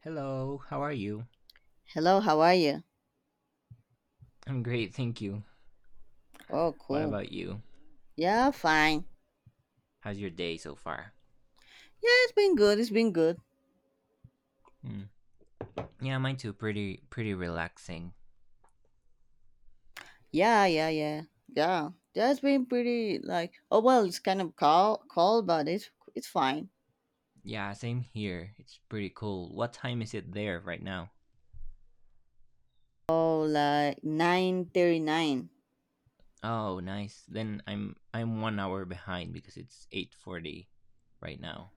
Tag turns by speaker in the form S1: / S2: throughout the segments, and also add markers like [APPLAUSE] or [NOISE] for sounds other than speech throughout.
S1: Hello, how are you?
S2: Hello, how are you?
S1: I'm great, thank you.
S2: Oh,
S1: What
S2: cool.
S1: about you?
S2: Yeah, fine.
S1: How's your day so far?
S2: Yeah, it's been good.
S1: Hmm. Yeah, mine too. Pretty relaxing.
S2: Yeah, yeah, yeah, yeah. That's been pretty like. Oh well, it's kind of cold, but it's fine.
S1: Yeah, same here. It's pretty cool. What time is it there right now?
S2: Oh, like 9:39.
S1: Oh, nice. Then I'm 1 hour behind because it's 8:40 right now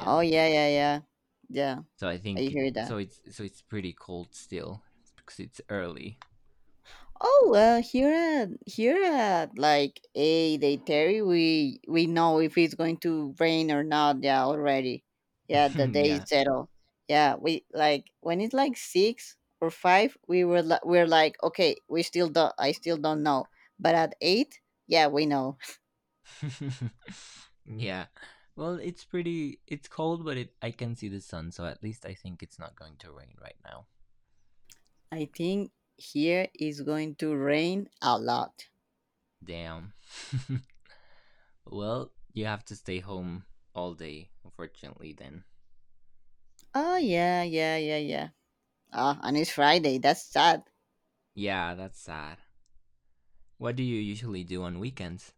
S2: Oh yeah, yeah, yeah, yeah.
S1: So I
S2: I
S1: think it,
S2: hear that.
S1: so. It's so it's pretty cold still because it's early.
S2: Oh well, here at like a day Terry, we know if it's going to rain or not. Yeah, already. Yeah, the
S1: [LAUGHS]
S2: day is
S1: Yeah.
S2: settled. Yeah, we like when it's like six or five, we're like okay, we still don't. I still don't know. But at eight, yeah, we know.
S1: [LAUGHS] Yeah. Well, it's pretty. It's cold, but it I can see the sun, so at least I think it's not going to rain right now.
S2: [LAUGHS] I think here is going to rain a lot.
S1: Damn. [LAUGHS] Well, you have to stay home all day, unfortunately. Then.
S2: Oh yeah, yeah, yeah, yeah. Ah, and it's Friday. That's sad.
S1: Yeah, that's sad. What do you usually do on weekends?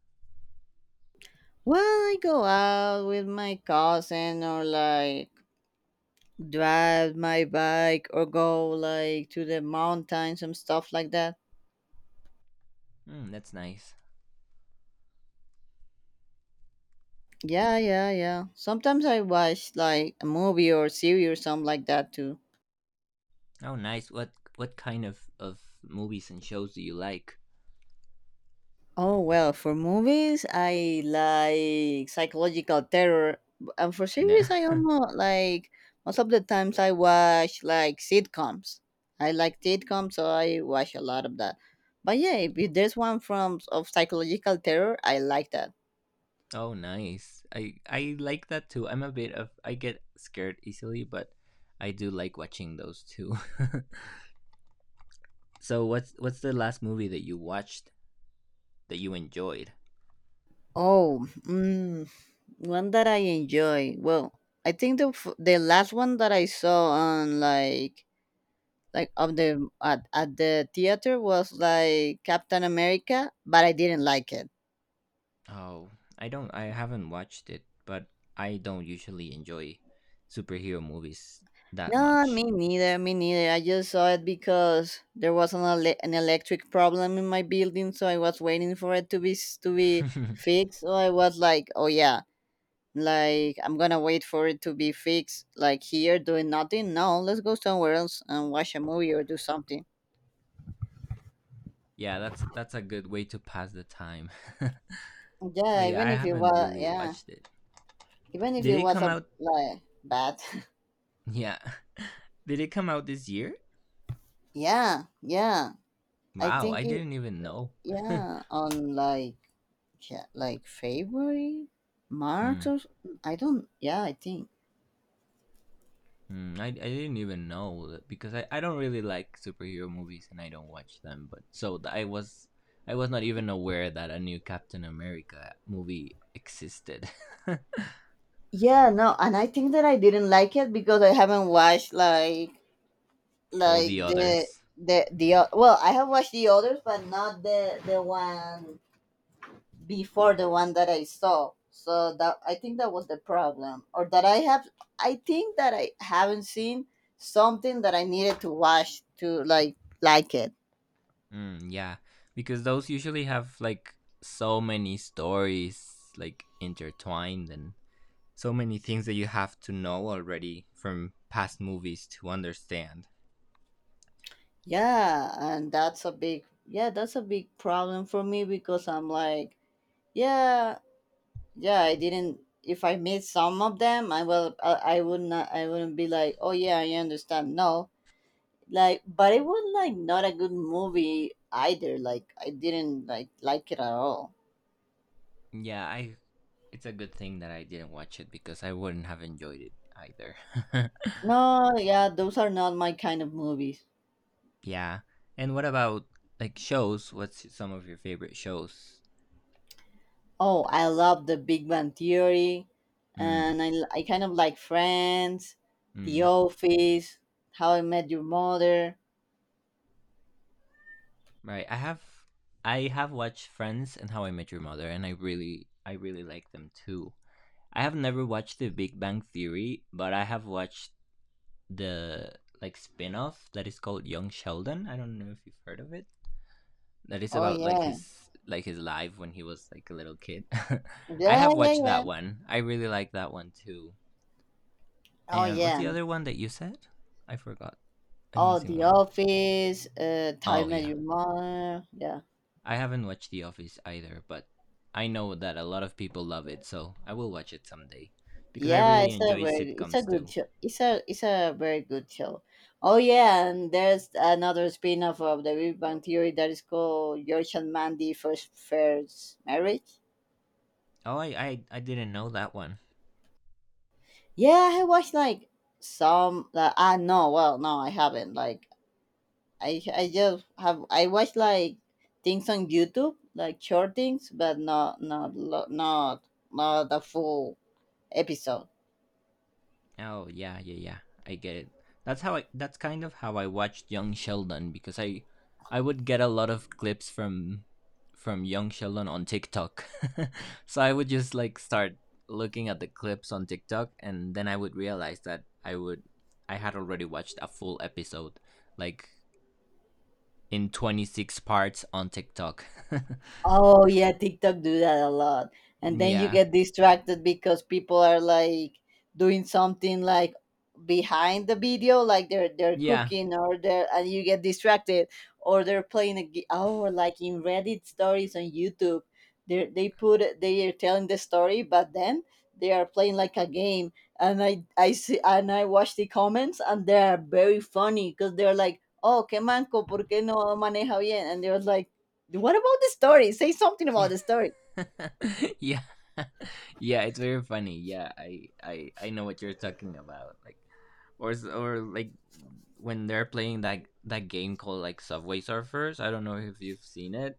S2: Well, I go out with my cousin or like drive my bike or go like to the mountains and stuff like that.
S1: Hmm, that's nice.
S2: Yeah, yeah, yeah. Sometimes I watch like a movie or series or something like that too.
S1: Oh, nice. What kind of movies and shows do you like?
S2: Oh well, for movies I like psychological terror, and for
S1: No.
S2: series I
S1: [LAUGHS]
S2: almost like most of the times I watch like sitcoms. I like sitcoms, so I watch a lot of that. But yeah, if there's one from of psychological terror, I like that.
S1: Oh, nice. I like that too. I'm a bit of I get scared easily, but I do like watching those too. [LAUGHS] So what's the last movie that you watched that you enjoyed?
S2: Oh, one that I enjoy. Well, I think the last one that I saw on at the theater was like Captain America, but I didn't like it.
S1: Oh, I haven't watched it, but I don't usually enjoy superhero movies that
S2: No,
S1: much.
S2: me neither. Me neither. I just saw it because there was an electric problem in my building, so I was waiting for it to be
S1: [LAUGHS]
S2: fixed. So I was like, "Oh yeah, like I'm gonna wait for it to be fixed, like here doing nothing. No, let's go somewhere else and watch a movie or do something."
S1: Yeah, that's a good way to pass the time. [LAUGHS] But
S2: Yeah,
S1: yeah,
S2: even
S1: I
S2: if it
S1: haven't
S2: was,
S1: really
S2: yeah,
S1: watched it.
S2: even if
S1: Did
S2: it
S1: it
S2: was
S1: come
S2: a
S1: out?
S2: like bad.
S1: Yeah. [LAUGHS] Did it come out this year?
S2: [LAUGHS] yeah, yeah. I
S1: Wow,
S2: think
S1: I
S2: it.
S1: didn't even know.
S2: Yeah, on like yeah, like February, March,
S1: Mm.
S2: or I don't. Yeah, I think.
S1: Mm, I didn't even know that- because I don't really like superhero movies and I don't watch them. I was not even aware that a new Captain America movie existed.
S2: Yeah, no, and I think that I didn't like it because I haven't watched
S1: [LAUGHS] All the
S2: like
S1: others.
S2: well, I have watched the others, but not the one before the one that I saw. So that I think that was the problem, or that I have. I think that I haven't seen something that I needed to watch to like it.
S1: Mm, yeah, because those usually have like so many stories like intertwined and so many things that you have to know already from past movies to understand.
S2: Yeah, and that's a big yeah, that's a big problem for me because I'm like, yeah, yeah, I didn't if I made some of them, I would not I wouldn't be like, "Oh yeah, I understand." No. Like, but it was like not a good movie either. Like I didn't like it at all.
S1: Yeah, I it's a good thing that I didn't watch it because I wouldn't have enjoyed it either. [LAUGHS]
S2: No, yeah, those are not my kind of movies.
S1: Yeah. And what about like shows? What's some of your favorite shows?
S2: Oh, I love The Big Bang Theory,
S1: Mm,
S2: and I kind of like Friends, The
S1: mm.
S2: Office, How I Met Your Mother.
S1: Right. I have watched Friends and How I Met Your Mother and I really like them too. I have never watched The Big Bang Theory, but I have watched the like spin-off that is called Young Sheldon. I don't know if you've heard of it. That is
S2: Oh
S1: about
S2: yeah,
S1: like his life when he was like a little kid. [LAUGHS] I
S2: yeah,
S1: have
S2: yeah,
S1: watched
S2: yeah.
S1: that one. I really like that one too.
S2: Oh
S1: And what's
S2: yeah.
S1: the other one that you said? I forgot. I'm
S2: Oh,
S1: missing
S2: The
S1: one.
S2: Office, How I
S1: Oh
S2: Met
S1: yeah.
S2: Your Mother. Yeah,
S1: I haven't watched The Office either, but I know that a lot of people love it, so I will watch it someday. Because I
S2: yeah.
S1: really enjoy
S2: It's a
S1: sitcoms
S2: good
S1: too.
S2: show. It's a very good show. Oh yeah, and there's another spin-off of The Big Bang Theory that is called George and Mandy First Marriage.
S1: Oh I didn't know that one.
S2: Yeah, I watched like some like ah no, well no, I haven't. Like I just have I watched like things on YouTube, like short things, but not not the full episode.
S1: Oh yeah. I get it. That's kind of how I watched Young Sheldon because I would get a lot of clips from Young Sheldon on TikTok, [LAUGHS] so I would just like start looking at the clips on TikTok, and then I would realize that I had already watched a full episode, like in 26 parts on TikTok.
S2: Oh yeah, TikTok do that a lot. And then you
S1: [LAUGHS] yeah,
S2: get distracted because people are like doing something like behind the video, like they're
S1: yeah,
S2: cooking or they're and you get distracted or they're playing a game oh, or like in Reddit stories on YouTube. They are telling the story, but then they are playing like a game. And I see and I watch the comments and they are very funny because they're like, "Oh, qué manco, ¿por qué no maneja bien?" And they're like what about the story say something about the story.
S1: [LAUGHS] yeah. Yeah, it's very funny. Yeah, I know what you're talking about. Or like when they're playing that game called like Subway Surfers. I don't know if you've seen it.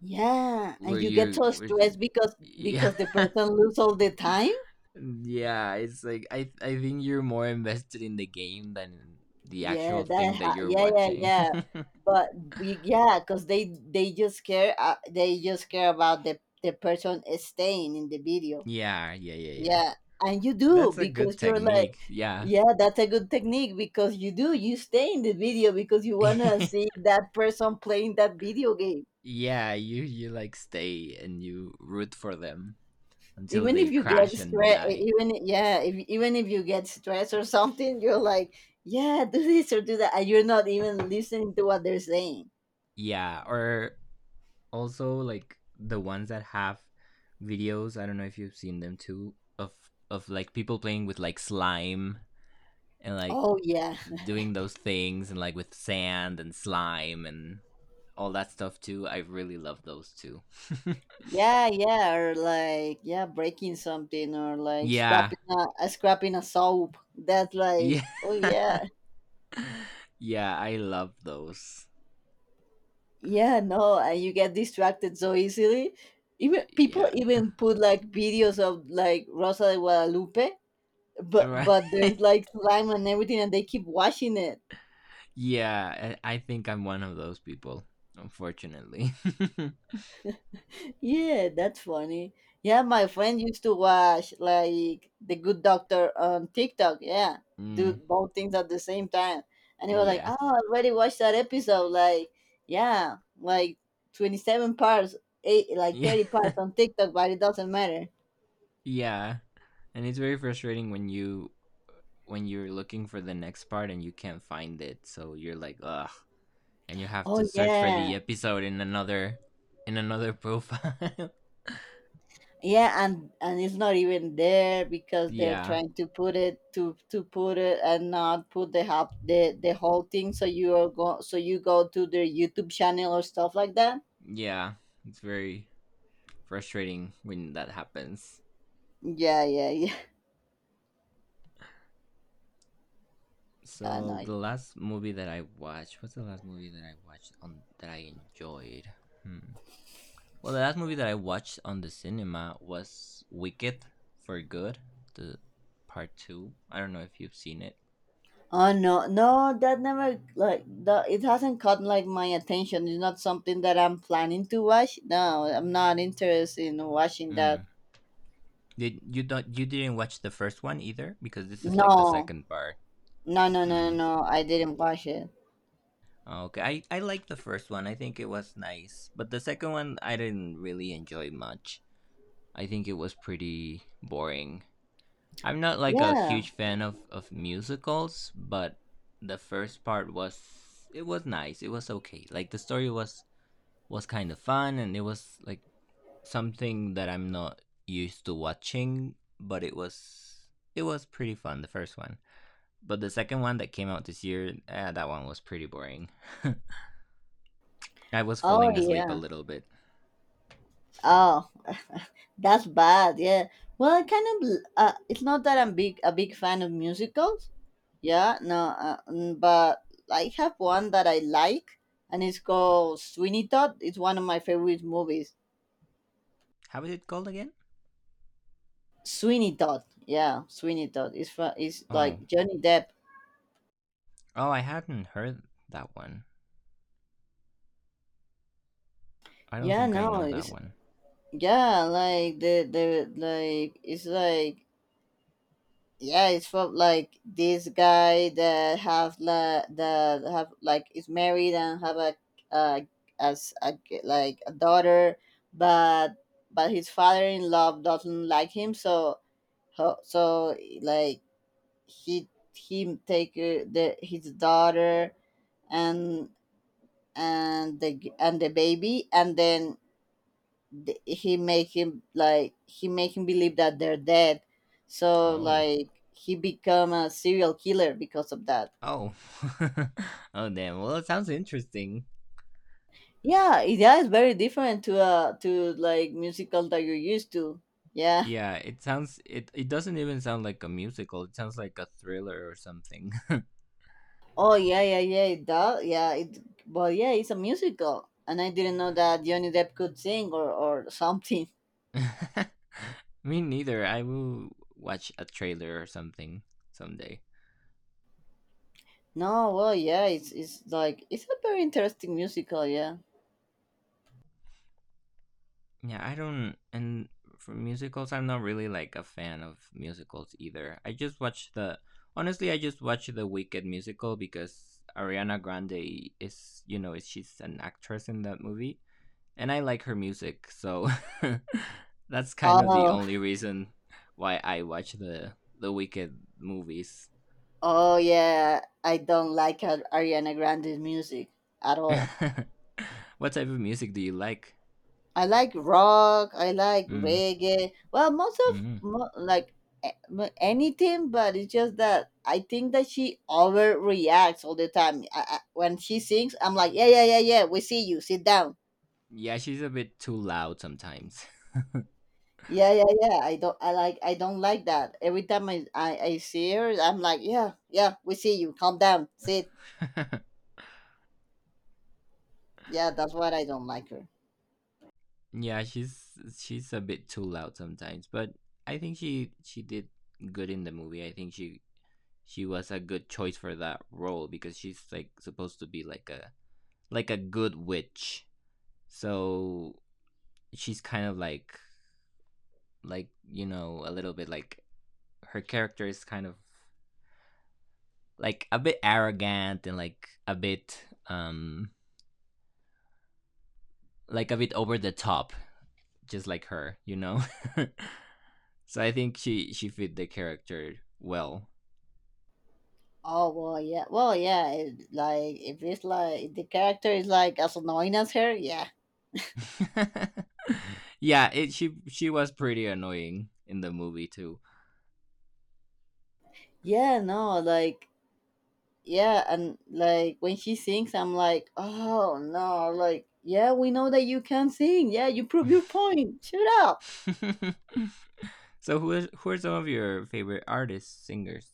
S2: Yeah, and
S1: Where
S2: you get
S1: you
S2: so
S1: where you-
S2: stressed
S1: yeah.
S2: because the
S1: [LAUGHS]
S2: person lose all the time.
S1: Yeah, it's like I think you're more invested in the game than the
S2: Yeah,
S1: actual
S2: that
S1: thing
S2: ha
S1: that you're
S2: yeah yeah
S1: watching.
S2: yeah.
S1: [LAUGHS]
S2: But we, yeah, because they just care about the person is staying in the video.
S1: yeah, yeah, yeah, yeah.
S2: Yeah, and you do
S1: That's a good
S2: because you're like,
S1: technique. Yeah.
S2: yeah, that's a good technique because you do you stay in the video because you wanna see
S1: [LAUGHS]
S2: that person playing that video game.
S1: Yeah, you like stay and you root for them until
S2: Even
S1: they
S2: if you get
S1: crash and
S2: stress
S1: die.
S2: even yeah if, even if you get stressed or something you're like yeah do this or do that and you're not even listening to what they're saying.
S1: Yeah, or also like the ones that have videos, I don't know if you've seen them too, of like people playing with like slime and like
S2: Oh yeah
S1: doing those things and like with sand and slime and all that stuff too. I really love those too. [LAUGHS]
S2: yeah yeah or like yeah breaking something or like
S1: Yeah.
S2: scrapping a scrapping a soap that's like
S1: Yeah.
S2: oh yeah.
S1: Yeah, I love those.
S2: Yeah no and you get distracted so easily even people
S1: Yeah. [LAUGHS]
S2: even put like videos of like rosa de guadalupe but
S1: Right.
S2: there's like slime and everything and they keep watching it.
S1: Yeah, I think I'm one of those people, unfortunately. [LAUGHS]
S2: Yeah, that's funny. Yeah, my friend used to watch like The Good Doctor on TikTok. Yeah, do
S1: Mm,
S2: both things at the same time. And he was like,
S1: yeah.
S2: "Oh, I already watched that episode." Like, yeah, like 27 parts, eight, like
S1: Yeah.
S2: 30 parts on
S1: [LAUGHS]
S2: TikTok, but it doesn't matter.
S1: Yeah. And it's very frustrating when you when you're looking for the next part and you can't find it. So you're like, ugh, and you have
S2: Oh,
S1: to search for
S2: yeah.
S1: the episode in another profile.
S2: Yeah, and it's not even there
S1: [LAUGHS]
S2: because they're
S1: Yeah.
S2: trying to put it to put it and not put the hub the whole thing, so you are go so you go to their YouTube channel or stuff like that.
S1: Yeah. It's very frustrating when that happens.
S2: Yeah, yeah, yeah. [LAUGHS] I
S1: So
S2: know.
S1: the last movie that I watched, what's the last movie that I watched on that I enjoyed? Hmm. Well, the last movie that I watched on the cinema was Wicked for Good, the part 2. I don't know if you've seen it.
S2: Oh no, no, that never like the it hasn't caught like my attention. It's not something that I'm planning to watch. No, I'm not interested in watching that.
S1: Mm. Did you don't you didn't watch the first one either because this is
S2: No,
S1: like the second part. Mm.
S2: no. I didn't watch it.
S1: Okay, I like the first one. I think it was nice, but the second one I didn't really enjoy much. I think it was pretty boring. I'm not like a
S2: Yeah.
S1: huge fan of musicals, but the first part was it was nice. It was okay. Like the story was kind of fun and it was like something that I'm not used to watching, but it was pretty fun the first one. But the second one that came out this year, that one was pretty boring. I was
S2: Oh
S1: falling asleep a
S2: yeah.
S1: little bit.
S2: Oh, [LAUGHS] that's bad. Yeah. Well, I kind of. It's not that I'm big a big fan of musicals. Yeah, no, but I have one that I like, and it's called Sweeney Todd. It's one of my favorite movies.
S1: How is it called again?
S2: Sweeney Todd, yeah, Sweeney Todd. It's
S1: Oh.
S2: like Johnny Depp.
S1: Oh, I hadn't heard that one. I don't
S2: Yeah,
S1: think I
S2: no,
S1: know that one.
S2: like the like it's like yeah it's from like this guy that have like is married and have a uh as like a daughter but his father-in-law doesn't like him so ho- so like he he take the his daughter and and and the baby and then he make him like he make him believe that they're dead so
S1: Oh.
S2: like he become a serial killer because of that.
S1: Oh. [LAUGHS] Oh damn. Well, it sounds interesting.
S2: Yeah it- yeah it's very different to like musical that you're used to yeah.
S1: Yeah, it sounds it doesn't even sound like a musical. It sounds like a thriller or something.
S2: Oh yeah yeah yeah it does yeah it well yeah it's a musical and I didn't know that Johnny Depp could sing or something.
S1: [LAUGHS] Me neither. I will watch a trailer or something someday.
S2: [LAUGHS] No well yeah it's like it's a very interesting musical yeah
S1: Yeah, I don't. And for musicals, I'm not really like a fan of musicals either. I just watch the. Honestly, I just watch the Wicked musical because Ariana Grande is, she's an actress in that movie, and I like her music, so [LAUGHS] that's kind of the
S2: oh.
S1: only reason why I watch the Wicked movies.
S2: Oh yeah, I don't like Ariana Grande's music at
S1: [LAUGHS]
S2: all.
S1: What type of music do you like?
S2: I like rock, I like
S1: Mm,
S2: reggae. Well, most of
S1: mm.
S2: mo- like a- mo- anything, but it's just that I think that she overreacts all the time. When she sings, I'm like, yeah, yeah, yeah, yeah. We see you. Sit down.
S1: Yeah, she's a bit too loud sometimes.
S2: Yeah, yeah, yeah. I don't like that. Every time I see her, I'm like, yeah, yeah. We see you. Calm down. Sit.
S1: [LAUGHS]
S2: Yeah, that's what I don't like her.
S1: Yeah, she's a bit too loud sometimes, but I think she did good in the movie. I think she was a good choice for that role because she's like supposed to be like a good witch. So she's kind of like a little bit like her character is kind of like a bit arrogant and like a bit over the top, just like her. [LAUGHS] So I think she fit the character well.
S2: Oh well, yeah, well, yeah. It, like if it's like if the character is like as annoying as her, yeah,
S1: [LAUGHS] Yeah, it she was pretty annoying in the movie too.
S2: yeah, no, like yeah, and like when she sings, I'm like, oh no, like yeah, we know that you can sing, yeah, you prove your
S1: [LAUGHS]
S2: point, shut up.
S1: So who are some of your favorite artists, singers?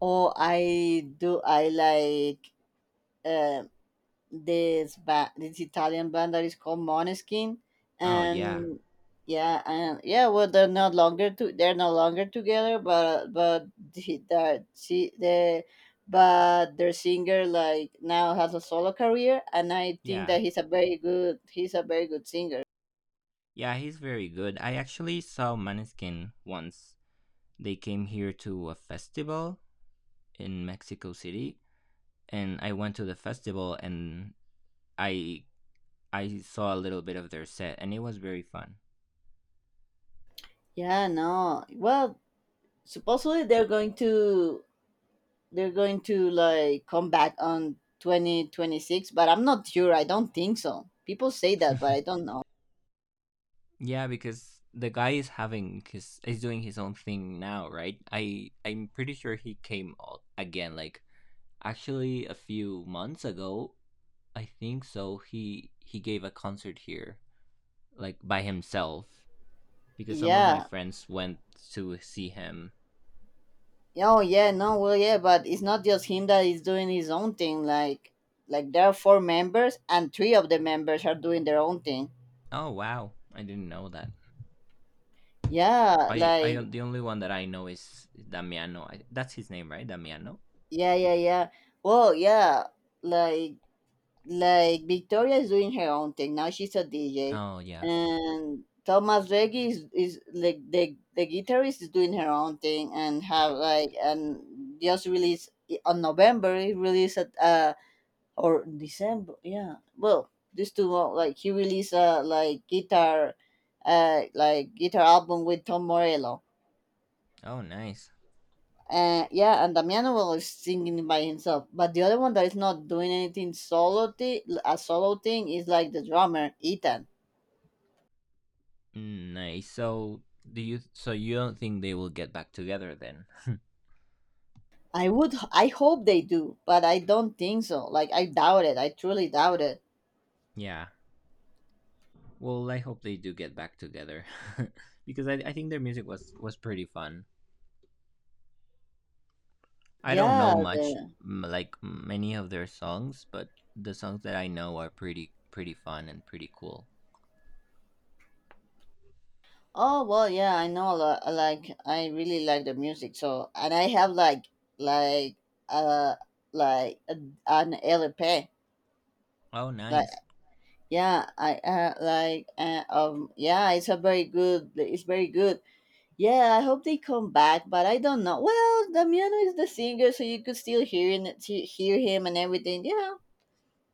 S2: I like uh, this Italian band that is called Måneskin,
S1: Oh
S2: and yeah, and yeah, well, they're no longer together, but the, that she the but their singer like now has a solo career, and I think
S1: yeah,
S2: that he's a very good singer.
S1: yeah. He's very good. I actually saw Maneskin once. They came here to a festival in Mexico City, and I went to the festival and I I saw a little bit of their set, and it was very fun.
S2: Yeah, no, well, supposedly they're going to like come back on 2026, but I'm not sure. I don't think so. People say that, but I
S1: [LAUGHS]
S2: don't know.
S1: Yeah, because the guy is having his is doing his own thing now, right? I'm pretty sure he came o- again like actually a few months ago. I think so. He gave a concert here like by himself because some of my
S2: Yeah.
S1: friends went to see him.
S2: Oh yeah, no, well yeah, but it's not just him that is doing his own thing, like there are four members and three of the members are doing their own thing.
S1: Oh wow. I didn't know that.
S2: Yeah,
S1: I
S2: like
S1: the only one that I know is Damiano. That's his name, right? Damiano.
S2: yeah, yeah, yeah. Well, yeah, like like Victoria is doing her own thing. Now she's a DJ.
S1: Oh yeah.
S2: And Thomas Reggie is like the guitarist is doing her own thing and have like and just released on November he released or December. Yeah. Well, these two like he released a like guitar album with Tom Morello.
S1: Oh nice.
S2: Yeah, and Damiano will is singing by himself. But the other one that is not doing anything solo, a solo thing is like the drummer Ethan.
S1: Mm, nice. So do you? So you don't think they will get back together then?
S2: I hope they do, but I don't think so. Like I doubt it. I truly doubt it.
S1: Yeah. Well, I hope they do get back together, [LAUGHS] because I think their music was pretty fun. I don't
S2: Yeah,
S1: know much
S2: the,
S1: like many of their songs, but the songs that I know are pretty fun and pretty cool.
S2: Oh well, yeah, I know. Like, I really like the music. So, and I have like, uh, like an LP.
S1: Oh,
S2: Like,
S1: nice.
S2: yeah, I like, yeah, it's a very good. It's very good. Yeah, I hope they come back, but I don't know. Well, Damiano is the singer, so you could still hear him and everything. Yeah,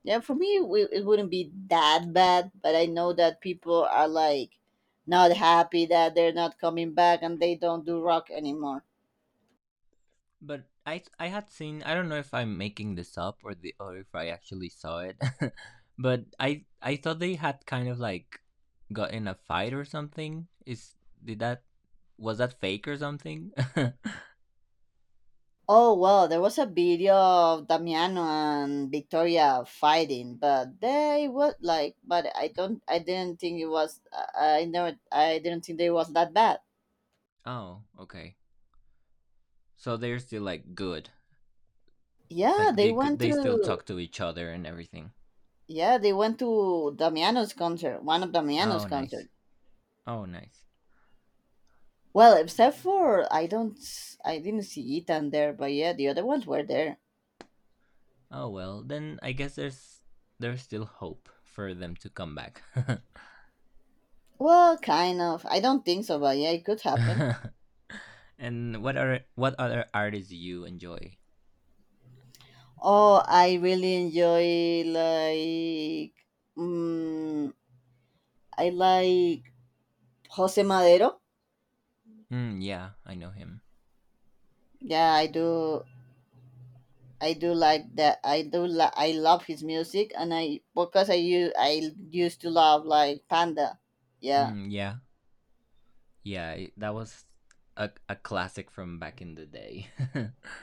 S2: yeah, for me, it wouldn't be that bad, but I know that people are like not happy that they're not coming back and they don't do rock anymore.
S1: But I had seen I don't know if I'm making this up or the or if I actually saw it, [LAUGHS] but I thought they had kind of like got in a fight or something. Is did that was that fake or something?
S2: Oh, well, there was a video of Damiano and Victoria fighting, but they were like, but I don't, I didn't think it was, I never, I didn't think they was that bad.
S1: [LAUGHS] Oh, okay. So they're still like good.
S2: Yeah,
S1: Like
S2: they
S1: they could
S2: went
S1: they still
S2: to,
S1: talk to each other and everything.
S2: yeah, they went to Damiano's concert, one of Damiano's
S1: Oh, nice.
S2: concert.
S1: Oh, nice.
S2: Well, except for I don't, I didn't see Ethan there, but yeah, the other ones were there.
S1: Oh well, then I guess there's still hope for them to come back. [LAUGHS]
S2: Well, kind of. I don't think so, but yeah, it could happen.
S1: [LAUGHS] And what are what other artists do you enjoy?
S2: Oh, I really enjoy like, mm I like Jose Madero.
S1: Mm, yeah, I know him.
S2: Yeah, I do. I do like that. I do. I love his music, and I because I used to love like Panda. Yeah,
S1: Mm, yeah, yeah, that was a classic from back in the day. [LAUGHS]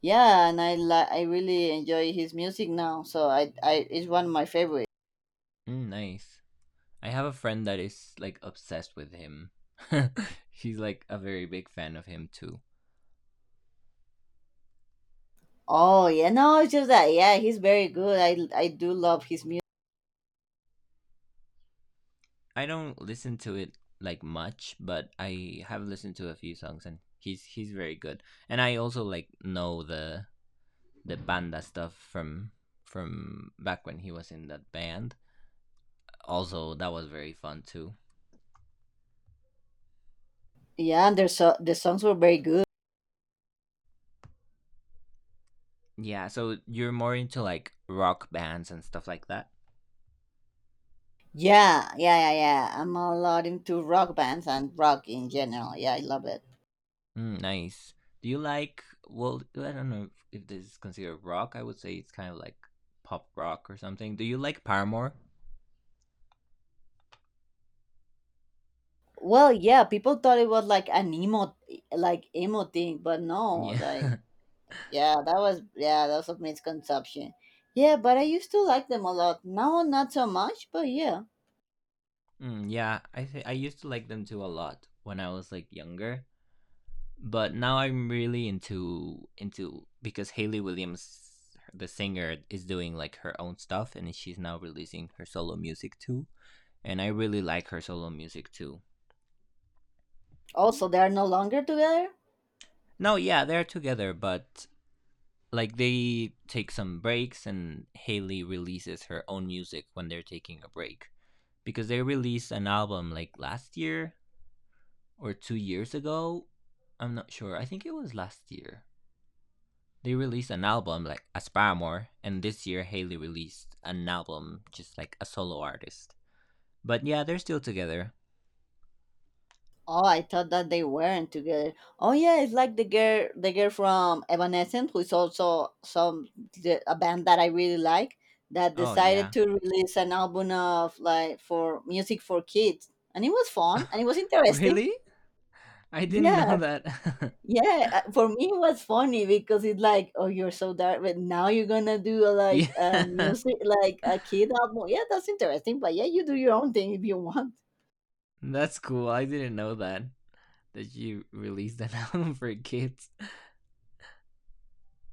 S2: yeah, and I really enjoy his music now. So I it's one of my favorite.
S1: Mm, nice. I have a friend that is like obsessed with him. [LAUGHS] He's like a very big fan of him too.
S2: Oh yeah, no, it's just that yeah, he's very good. I do love his music.
S1: I don't listen to it like much, but I have listened to a few songs and he's very good. And I also like know the banda stuff from back when he was in that band. Also, that was very fun too.
S2: Yeah, and the songs were very good.
S1: Yeah, so you're more into like rock bands and stuff like that.
S2: Yeah, yeah, yeah, yeah. I'm a lot into rock bands and rock in general. Yeah, I love it.
S1: Mm, nice. Do you like? Well, I don't know if, this is considered rock. I would say it's kind of like pop rock or something. Do you like Paramore?
S2: Well, yeah, people thought it was like an emo thing, but no,
S1: Yeah,
S2: like
S1: [LAUGHS]
S2: yeah, that was a misconception. Yeah, but I used to like them a lot. Now, not so much, but yeah.
S1: mm, yeah. I used to like them too a lot when I was like younger. But now I'm really into because Haley Williams, the singer, is doing like her own stuff, and she's now releasing her solo music too. And I really like her solo music too.
S2: Also, they are no longer together.
S1: No, yeah, they're together, but like they take some breaks, and Haley releases her own music when they're taking a break because they released an album like last year or 2 years ago. I'm not sure. I think it was last year they released an album like Aspire More, and this year Haley released an album just like a solo artist. But yeah, they're still together.
S2: Oh, I thought that they weren't together. Oh yeah, it's like the girl from Evanescence, who is also a band that I really like, that
S1: Oh
S2: decided
S1: yeah. [LAUGHS]
S2: to release an album of like for music for kids, and it was fun and it was interesting.
S1: Really? I didn't know
S2: Yeah,
S1: that.
S2: yeah. For me, it was funny because it's like, oh, you're so dark, but now you're gonna do a,
S1: [LAUGHS]
S2: like
S1: Yeah.
S2: music, like a kid album. Yeah, that's interesting. But yeah, you do your own thing if you want.
S1: [LAUGHS] That's cool. I didn't know that. That you released an [LAUGHS] album for kids.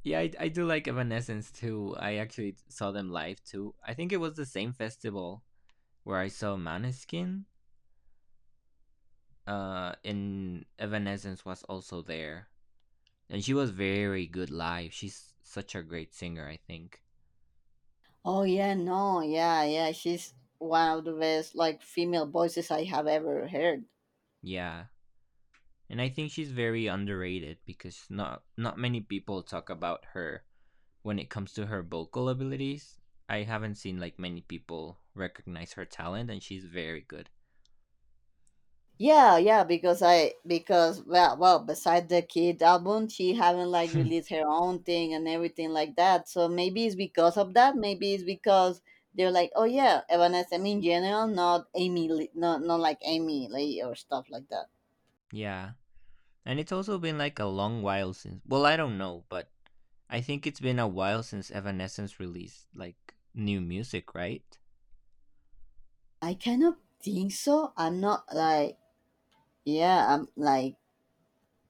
S1: Yeah, I do like Evanescence too. I actually saw them live too. I think it was the same festival where I saw Maneskin. And Evanescence was also there. And she was very good live. She's such a great singer, I think.
S2: Oh yeah, no, yeah, yeah. She's one of the best like female voices I have ever heard.
S1: Yeah. And I think she's very underrated because not many people talk about her when it comes to her vocal abilities. I haven't seen like many people recognize her talent and she's very good.
S2: Yeah, yeah, because well beside the kid album she haven't like
S1: [LAUGHS]
S2: released her own thing and everything like that. So maybe it's because of that. Maybe it's because they're like, oh yeah, Evanescence in general, not like Amy Lee or stuff like that.
S1: Yeah. And it's also been like a long while since well, I don't know, but I think it's been a while since Evanescence released like new music, right?
S2: I kind of think so. I'm not like yeah, I'm like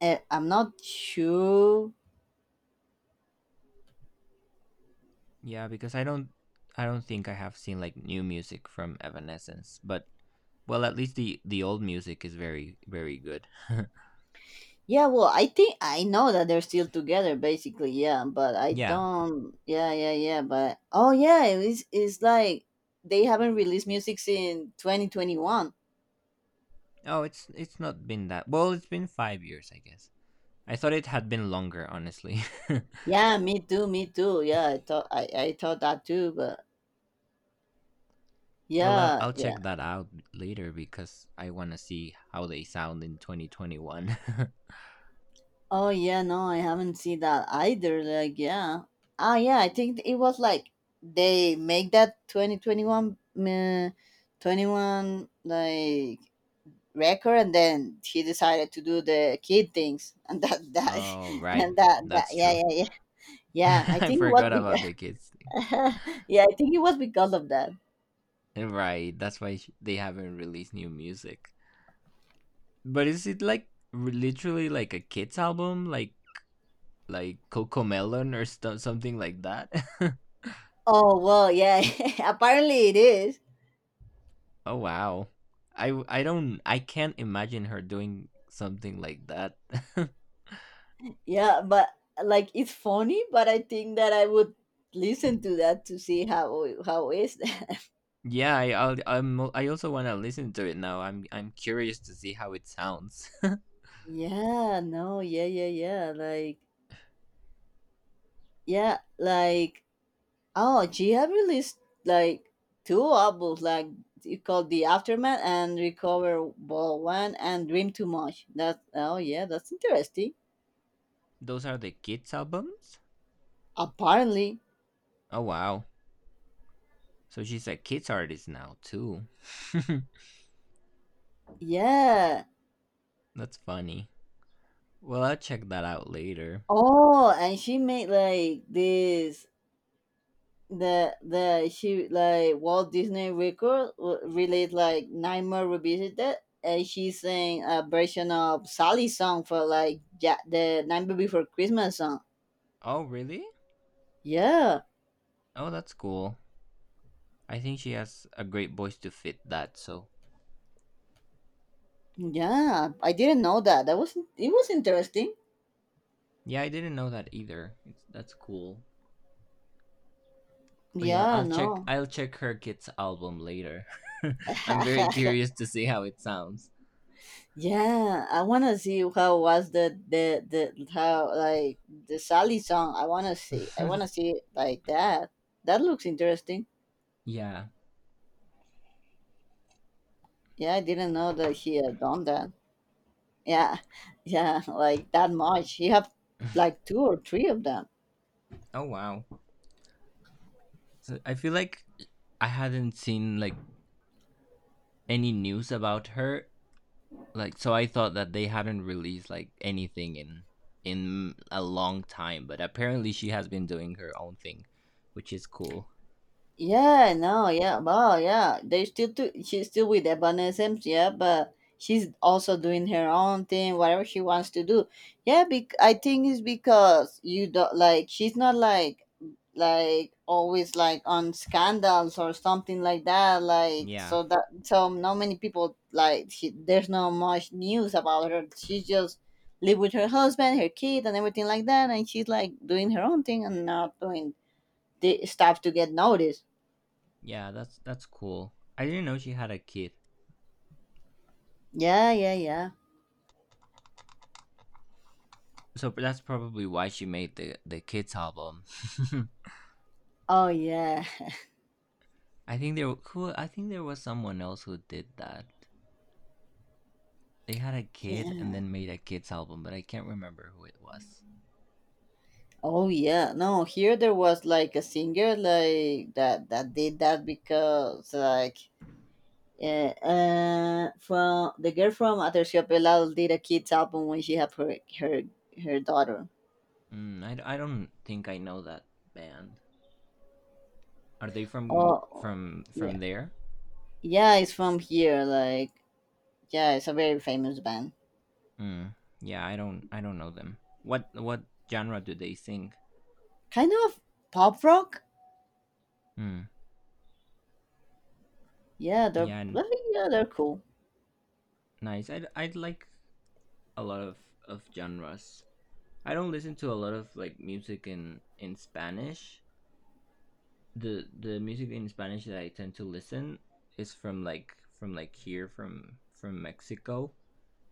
S2: I'm not sure.
S1: Yeah, because I don't think I have seen like new music from Evanescence, but well, at least the old music is very very good. [LAUGHS]
S2: Yeah, well, I think I know that they're still together, basically. Yeah, but I
S1: Yeah.
S2: don't. Yeah, yeah, yeah. But oh, yeah, it's like they haven't released music since 2021.
S1: Oh, it's not been that. Well, it's been 5 years, I guess. I thought it had been longer, honestly.
S2: Yeah, me too, me too. Yeah, I thought that too, but
S1: [LAUGHS] Well, I'll,
S2: yeah,
S1: I'll
S2: yeah.
S1: check that out later because I want to see how they sound in 2021.
S2: Oh yeah, no, I haven't seen that either. Like yeah, yeah, I think it was like they make that 2021, twenty one like record and then he decided to do the kid things [LAUGHS] and that
S1: [LAUGHS]
S2: that
S1: Oh,
S2: [LAUGHS]
S1: right.
S2: and that,
S1: That's
S2: yeah,
S1: true.
S2: yeah, yeah.
S1: [LAUGHS]
S2: yeah I
S1: I
S2: think it was
S1: forgot
S2: be-
S1: about the kids.
S2: [LAUGHS] yeah, I think it was because of that.
S1: Right. That's why they haven't released new music. But is it like literally like a kids album, like Coco Melon or stuff, something like that? [LAUGHS]
S2: Oh well, yeah. [LAUGHS] Apparently, it is.
S1: Oh wow. I do not. I don't. I can't imagine her doing something like that.
S2: Yeah, but like it's funny, but I think that I would listen to that to see how is that.
S1: [LAUGHS] Yeah, I I'll, I'm I also want to listen to it now. I'm curious to see how it sounds.
S2: [LAUGHS] Yeah, no, yeah, yeah, yeah. Like, yeah, like, oh, she have released like two albums, like it called The Aftermath and Recover Ball One and Dream Too Much. That oh yeah, that's interesting.
S1: [LAUGHS] Those are the kids albums.
S2: Apparently,
S1: Oh wow, so she's a kids artist now too. [LAUGHS]
S2: yeah.
S1: That's funny. Well, I'll check that out later.
S2: Oh, and she made like this the she like Walt Disney record released like Nightmare Revisited. And she sang a version of Sally's song for like the Nightmare Before Christmas song.
S1: Oh really?
S2: Yeah.
S1: Oh, that's cool. I think she has a great voice to fit that. So
S2: Yeah, I didn't know that. That was it was interesting.
S1: yeah, I didn't know that either. It's that's cool. But yeah,
S2: Yeah,
S1: I'll check.
S2: no.
S1: I'll check her kids album later. [LAUGHS] I'm very
S2: [LAUGHS]
S1: curious to see how it sounds.
S2: Yeah, I wanna see how was the how like the Sally song. I wanna see. I wanna
S1: [LAUGHS]
S2: see it like that. That looks interesting.
S1: Yeah.
S2: Yeah, I didn't know that he had done that. Yeah, [LAUGHS] yeah, like that much. He have like two or three of them.
S1: Oh wow. So I feel like I hadn't seen like any news about her. Like so, I thought that they hadn't released like anything in a long time. But apparently, she has been doing her own thing, which is cool.
S2: Yeah, no, yeah, well, yeah, they still do. She's still with the Evanescence, yeah, but she's also doing her own thing, whatever she wants to do. Yeah, I think it's because you don't like. She's not like always like on scandals or something like that. Like
S1: Yeah.
S2: so that so not many people like she, there's not much news about her. She just live with her husband, her kid, and everything like that, and she's like doing her own thing and not doing the stuff to get noticed.
S1: Yeah, that's cool. I didn't know she had a kid.
S2: Yeah, yeah, yeah.
S1: So that's probably why she made the kids album. [LAUGHS]
S2: Oh yeah. [LAUGHS]
S1: I think there was someone else who did that. They had a kid and
S2: Yeah.
S1: then made a kids album, but I can't remember who it was.
S2: Oh yeah. No, here there was like a singer like that did that because like from the girl from Aterciopelados did a kids album when she had her daughter.
S1: Mm, I don't think I know that band. Are they from
S2: Oh
S1: from
S2: yeah.
S1: from there?
S2: Yeah, it's from here like yeah, it's a very famous band.
S1: Mm, yeah, I don't know them. What genre do they sing?
S2: Kind of pop rock?
S1: Mm,
S2: Yeah, they're
S1: yeah,
S2: well, yeah, they're cool.
S1: nice. I like a lot of genres. I don't listen to a lot of like music in Spanish. The music in Spanish that I tend to listen is from like here from Mexico,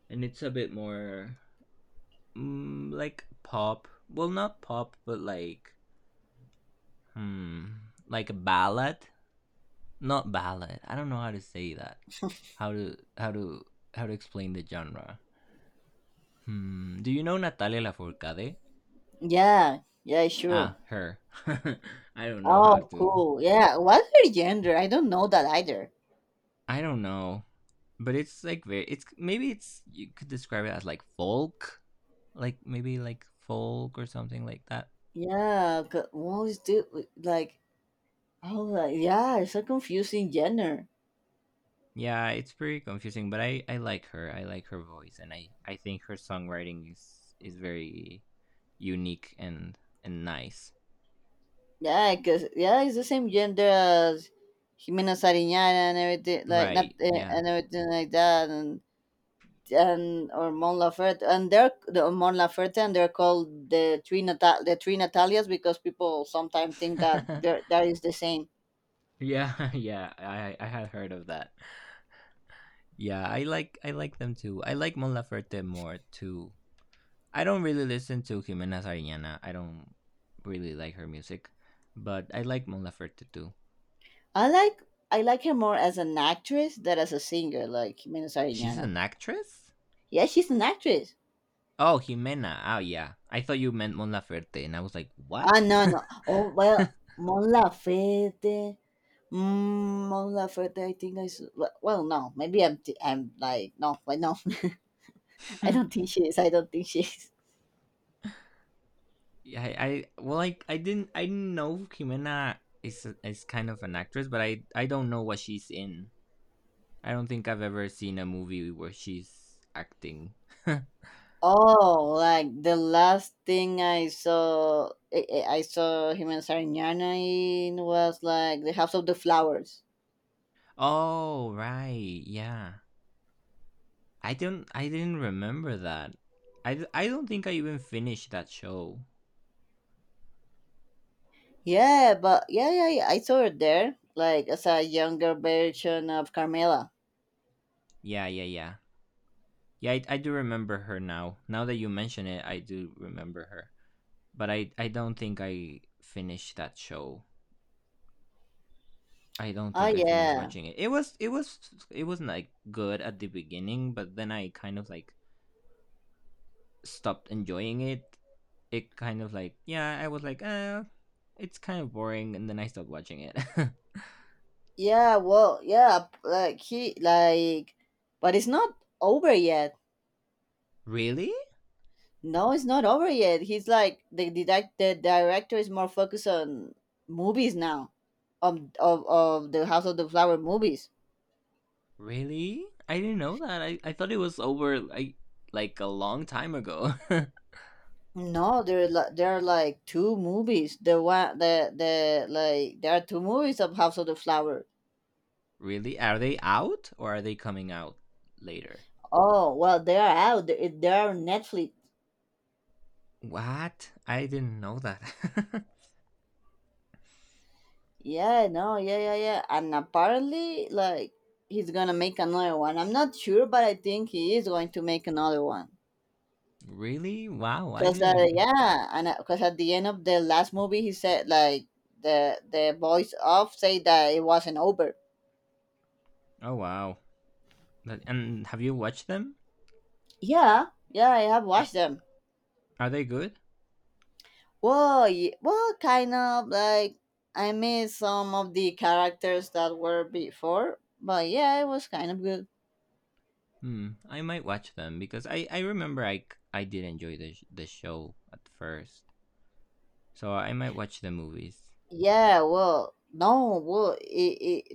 S1: and it's a bit more like pop. Well, not pop, but like like a ballad. Not ballad. I don't know how to say that. How to how to how to explain the genre. Hmm. Do you know Natalia Lafourcade?
S2: Yeah. Yeah, sure.
S1: Ah, her. [LAUGHS] I don't know how
S2: Oh,
S1: to
S2: cool. Yeah. What's her gender? I don't know that either.
S1: I don't know, but it's like very. It's maybe it's You could describe it as like folk, like maybe like folk or something like that.
S2: Yeah. 'cause What is the like? Oh, like, yeah. It's a confusing gender.
S1: Yeah, it's pretty confusing, but I like her. I like her voice, and I think her songwriting is very unique and nice.
S2: Yeah, because yeah, it's the same gender as Jimena Sariñana and everything like not
S1: Right? Yeah.
S2: and everything like that and or Mon Laferte and they're the Mon Laferte and they're called the three Natalias because people sometimes think that
S1: [LAUGHS]
S2: they're that is the same.
S1: Yeah, yeah. I had heard of that. Yeah, I like them too. I like Mon Laferte more too. I don't really listen to Jimena Sariñana. I don't really like her music, but I like Mon Laferte too.
S2: I like I like her more as an actress than as a singer, like Jimena
S1: She's
S2: Sariñana.
S1: an actress?
S2: Yeah, she's an actress.
S1: Oh, Jimena. Oh, yeah. I thought you meant Mon Laferte, and I was like, what?
S2: Ah, no,
S1: [LAUGHS] Yeah,
S2: no. Oh, well, Mon Laferte. Mm, Mon Laferte, I think I... s- Well, no. Maybe I'm like. No, but no. [LAUGHS] I don't think she is. I don't think she is.
S1: I well, I didn't know Jimena is kind of an actress, but I don't know what she's in. I don't think I've ever seen a movie where she's acting. [LAUGHS]
S2: Oh, like the last thing I saw Jimena Sariñana in was like The House of the Flowers.
S1: Oh, right. Yeah. I don't. I didn't remember that. I don't think I even finished that show.
S2: Yeah, but yeah, yeah, yeah, I saw her there, like as a younger version of Carmela.
S1: Yeah, yeah, yeah. Yeah, I do remember her now. Now that you mention it, I do remember her. But I don't think I finished that show. I don't
S2: Oh
S1: think I finished
S2: yeah,
S1: watching it. It was like good at the beginning, but then I kind of like stopped enjoying it. It kind of like yeah, I was like, it's kind of boring, and then I stopped watching it. [LAUGHS]
S2: yeah. Well, yeah, but it's not over yet.
S1: Really?
S2: No, it's not over yet. He's like the director is more focused on movies now, of the House of the Flower movies.
S1: Really? I didn't know that. I thought it was over like a long time ago.
S2: No, there are there are like two movies. The one the like there are two movies of House of the Flower.
S1: [LAUGHS] Really? Are they out or are they coming out later?
S2: Oh well, they are out. They are on Netflix.
S1: What? I didn't know that. [LAUGHS]
S2: Yeah, no, yeah, yeah, yeah. And apparently, like he's gonna make another one. I'm not sure, but I think he is going to make another one.
S1: Really? Wow, I
S2: Cause
S1: didn't.
S2: yeah, and because at the end of the last movie, he said like the voice off say that it wasn't over.
S1: Oh wow. And have you watched them?
S2: Yeah, yeah, I have
S1: Are,
S2: watched them.
S1: are they good?
S2: Well, well, kind of like I miss some of the characters that were before, but yeah, it was kind of good.
S1: Hmm, I might watch them because I remember I did enjoy the show at first. So I might watch the movies.
S2: Yeah, well, no, well, it,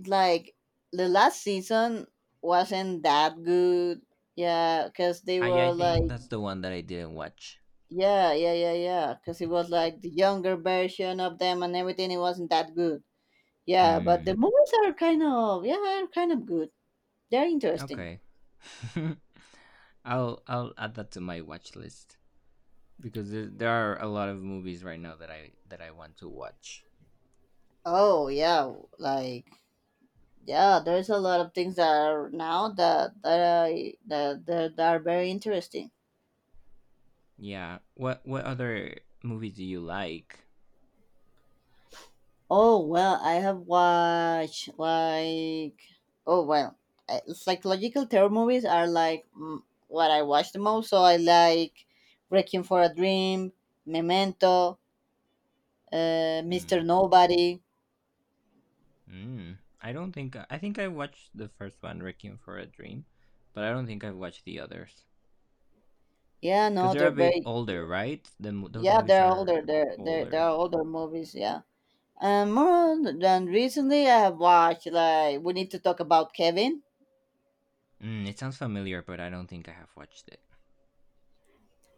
S2: it like the last season wasn't that good. Yeah, because they
S1: I
S2: were
S1: think
S2: like,
S1: that's the one that I didn't watch.
S2: yeah, yeah, yeah, yeah, because it was like the younger version of them and everything. It wasn't that good. Yeah, but the
S1: Hmm.
S2: movies are kind of, yeah, are kind of good. They're interesting.
S1: Okay. [LAUGHS] I'll add that to my watch list because there are a lot of movies right now that I want to watch.
S2: Oh yeah, like yeah, there's a lot of things that are now that that I that that, that are very interesting.
S1: Yeah. What other movies do you like?
S2: Oh well, I have watched like oh well, psychological terror movies are like what I watch the most. So I like Requiem for a Dream, Memento,
S1: Mm.
S2: Mister Nobody.
S1: Mm. I don't think I watched the first one, Requiem for a Dream, but I don't think I've watched the others
S2: Yeah,
S1: because
S2: no,
S1: they're
S2: they're
S1: a bit
S2: very
S1: older, right? Those
S2: yeah,
S1: movies
S2: they're older.
S1: are
S2: They're
S1: older.
S2: older movies. Yeah, and more than recently, I have watched like we need to talk about Kevin.
S1: Mm, it sounds familiar, but I don't think I have watched it.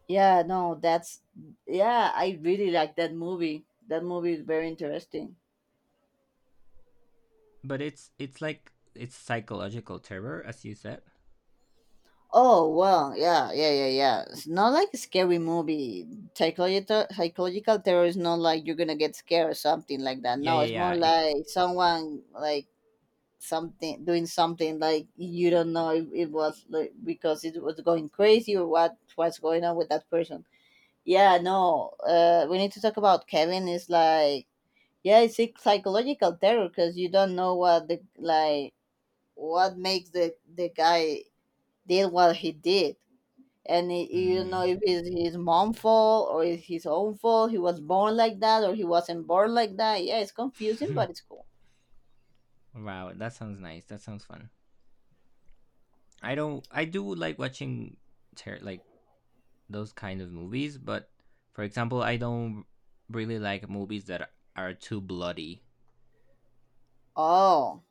S2: Yeah, no, I really like that movie. That movie is very interesting.
S1: But it's like it's psychological terror, as you said.
S2: Oh well, yeah, yeah, yeah, yeah. It's not like a scary movie. Psychological terror is not like you're gonna get scared or something like that.
S1: Yeah,
S2: No,
S1: yeah,
S2: it's
S1: yeah.
S2: more
S1: It
S2: like someone like something doing something like you don't know if it was like, because it was going crazy or what was going on with that person. Yeah, no. We need to talk about Kevin. Is like yeah, it's psychological terror because you don't know what the like what makes the guy did what he did, and it, you know
S1: Mm.
S2: if it's his mom fault or it's his own fault he was born like that or he wasn't born like that. Yeah, it's confusing but it's
S1: [LAUGHS]
S2: cool.
S1: Wow, that sounds nice. That sounds fun. I don't. I do like watching like those kind of movies, but for example, I don't really like movies that are too bloody.
S2: oh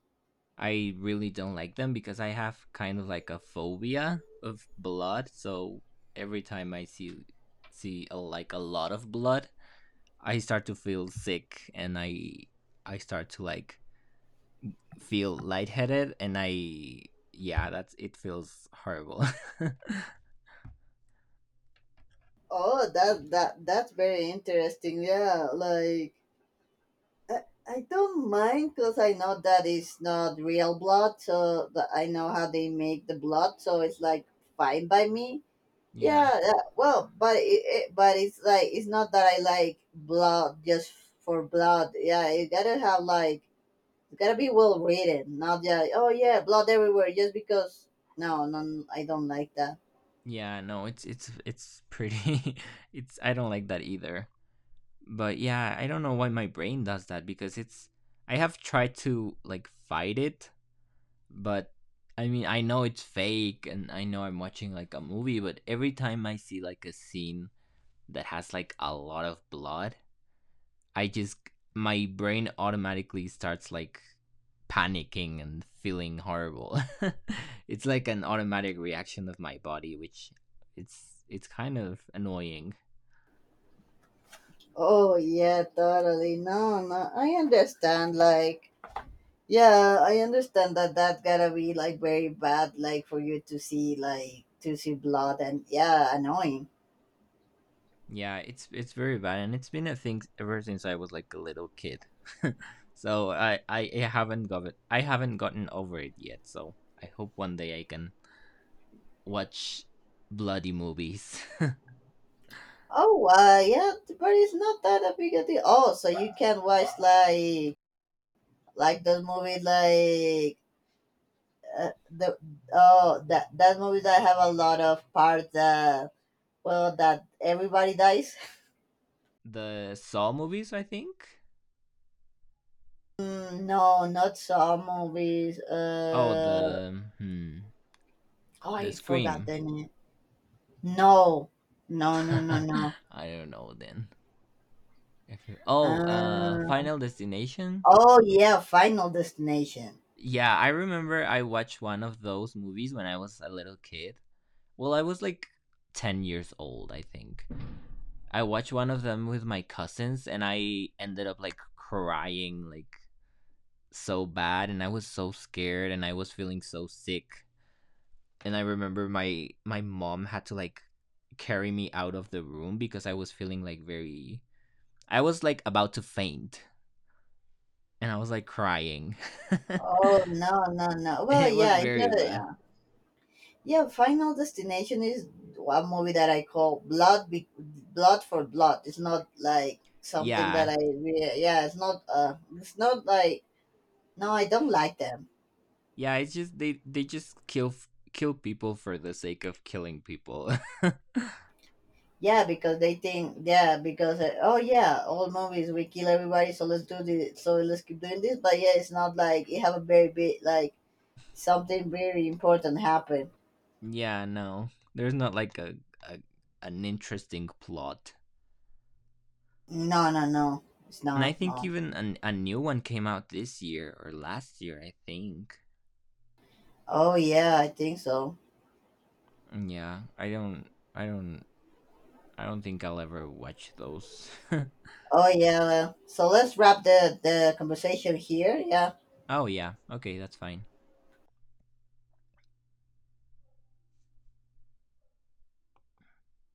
S1: I really don't like them because I have kind of like a phobia of blood. So every time I see a, like a lot of blood, I start to feel sick and I start to like feel lightheaded and I yeah, that's it feels horrible. [LAUGHS]
S2: oh that's very interesting, yeah, like i, I don't mind because I know that it's not real blood, so that I know how they make the blood, so it's like fine by me.
S1: Yeah.
S2: Yeah, yeah, well, but it but it's like it's not that I like blood just for blood. Yeah, you gotta have like it's gotta be well written, not just oh yeah, blood everywhere just because. No, no, I don't like that.
S1: Yeah, no, it's pretty [LAUGHS] it's I don't like that either. But yeah, I don't know why my brain does that because it's I have tried to like fight it, but I mean, I know it's fake and I know I'm watching like a movie, but every time I see like a scene that has like a lot of blood, I just my brain automatically starts like panicking and feeling horrible. [LAUGHS] It's like an automatic reaction of my body, which it's kind of annoying.
S2: Oh yeah, totally. No, no, I understand. Like yeah, I understand that gotta be like very bad, like for you to see blood and yeah, annoying.
S1: Yeah, it's very bad, and it's been a thing ever since I was like a little kid. [LAUGHS] So I haven't got it. I haven't gotten over it yet. So I hope one day I can watch bloody movies.
S2: Oh yeah, but it's not that a big a deal. Oh, so you can watch like those movies like the oh that movies that have a lot of parts that. Well, that everybody dies.
S1: [LAUGHS] The Saw movies, I think.
S2: Mm, no, not some movies.
S1: Oh, the hmm,
S2: Oh,
S1: the
S2: I forgot
S1: Scream.
S2: the name. No, no, no, no, no.
S1: [LAUGHS] I don't know then. If it- Oh,
S2: Uh,
S1: Final Destination.
S2: oh yeah, Final Destination.
S1: Yeah, I remember I watched one of those movies when I was a little kid. Well, I was like 10 years old, I think. I watched one of them with my cousins, and I ended up like crying like so bad, and I was so scared, and I was feeling so sick. And I remember my mom had to like carry me out of the room because I was feeling like very I was like about to faint and I was like crying.
S2: Oh no, no, no.
S1: [LAUGHS]
S2: Well,
S1: It was
S2: yeah, it's a,
S1: very bad.
S2: yeah, yeah. Final Destination is one movie that I call blood, blood for blood. It's not like something that
S1: Yeah.
S2: yeah, it's not. It's not like no, I don't like them.
S1: Yeah, it's just they just kill people for the sake of killing people.
S2: Yeah, because they think, yeah, because oh yeah, all movies we kill everybody, so let's do this, so let's keep doing this. But yeah, it's not like it have a very big like something very important happen.
S1: [LAUGHS] Yeah, no. There's not like a, a an interesting plot.
S2: No, no, no, it's
S1: And I
S2: not.
S1: think
S2: No.
S1: even a new one came out this year or last year, I think.
S2: Oh yeah, I think so.
S1: Yeah, I don't I don't think I'll ever watch those. [LAUGHS]
S2: Oh yeah. Well, so let's wrap the conversation here. Yeah.
S1: Oh yeah. Okay, that's fine.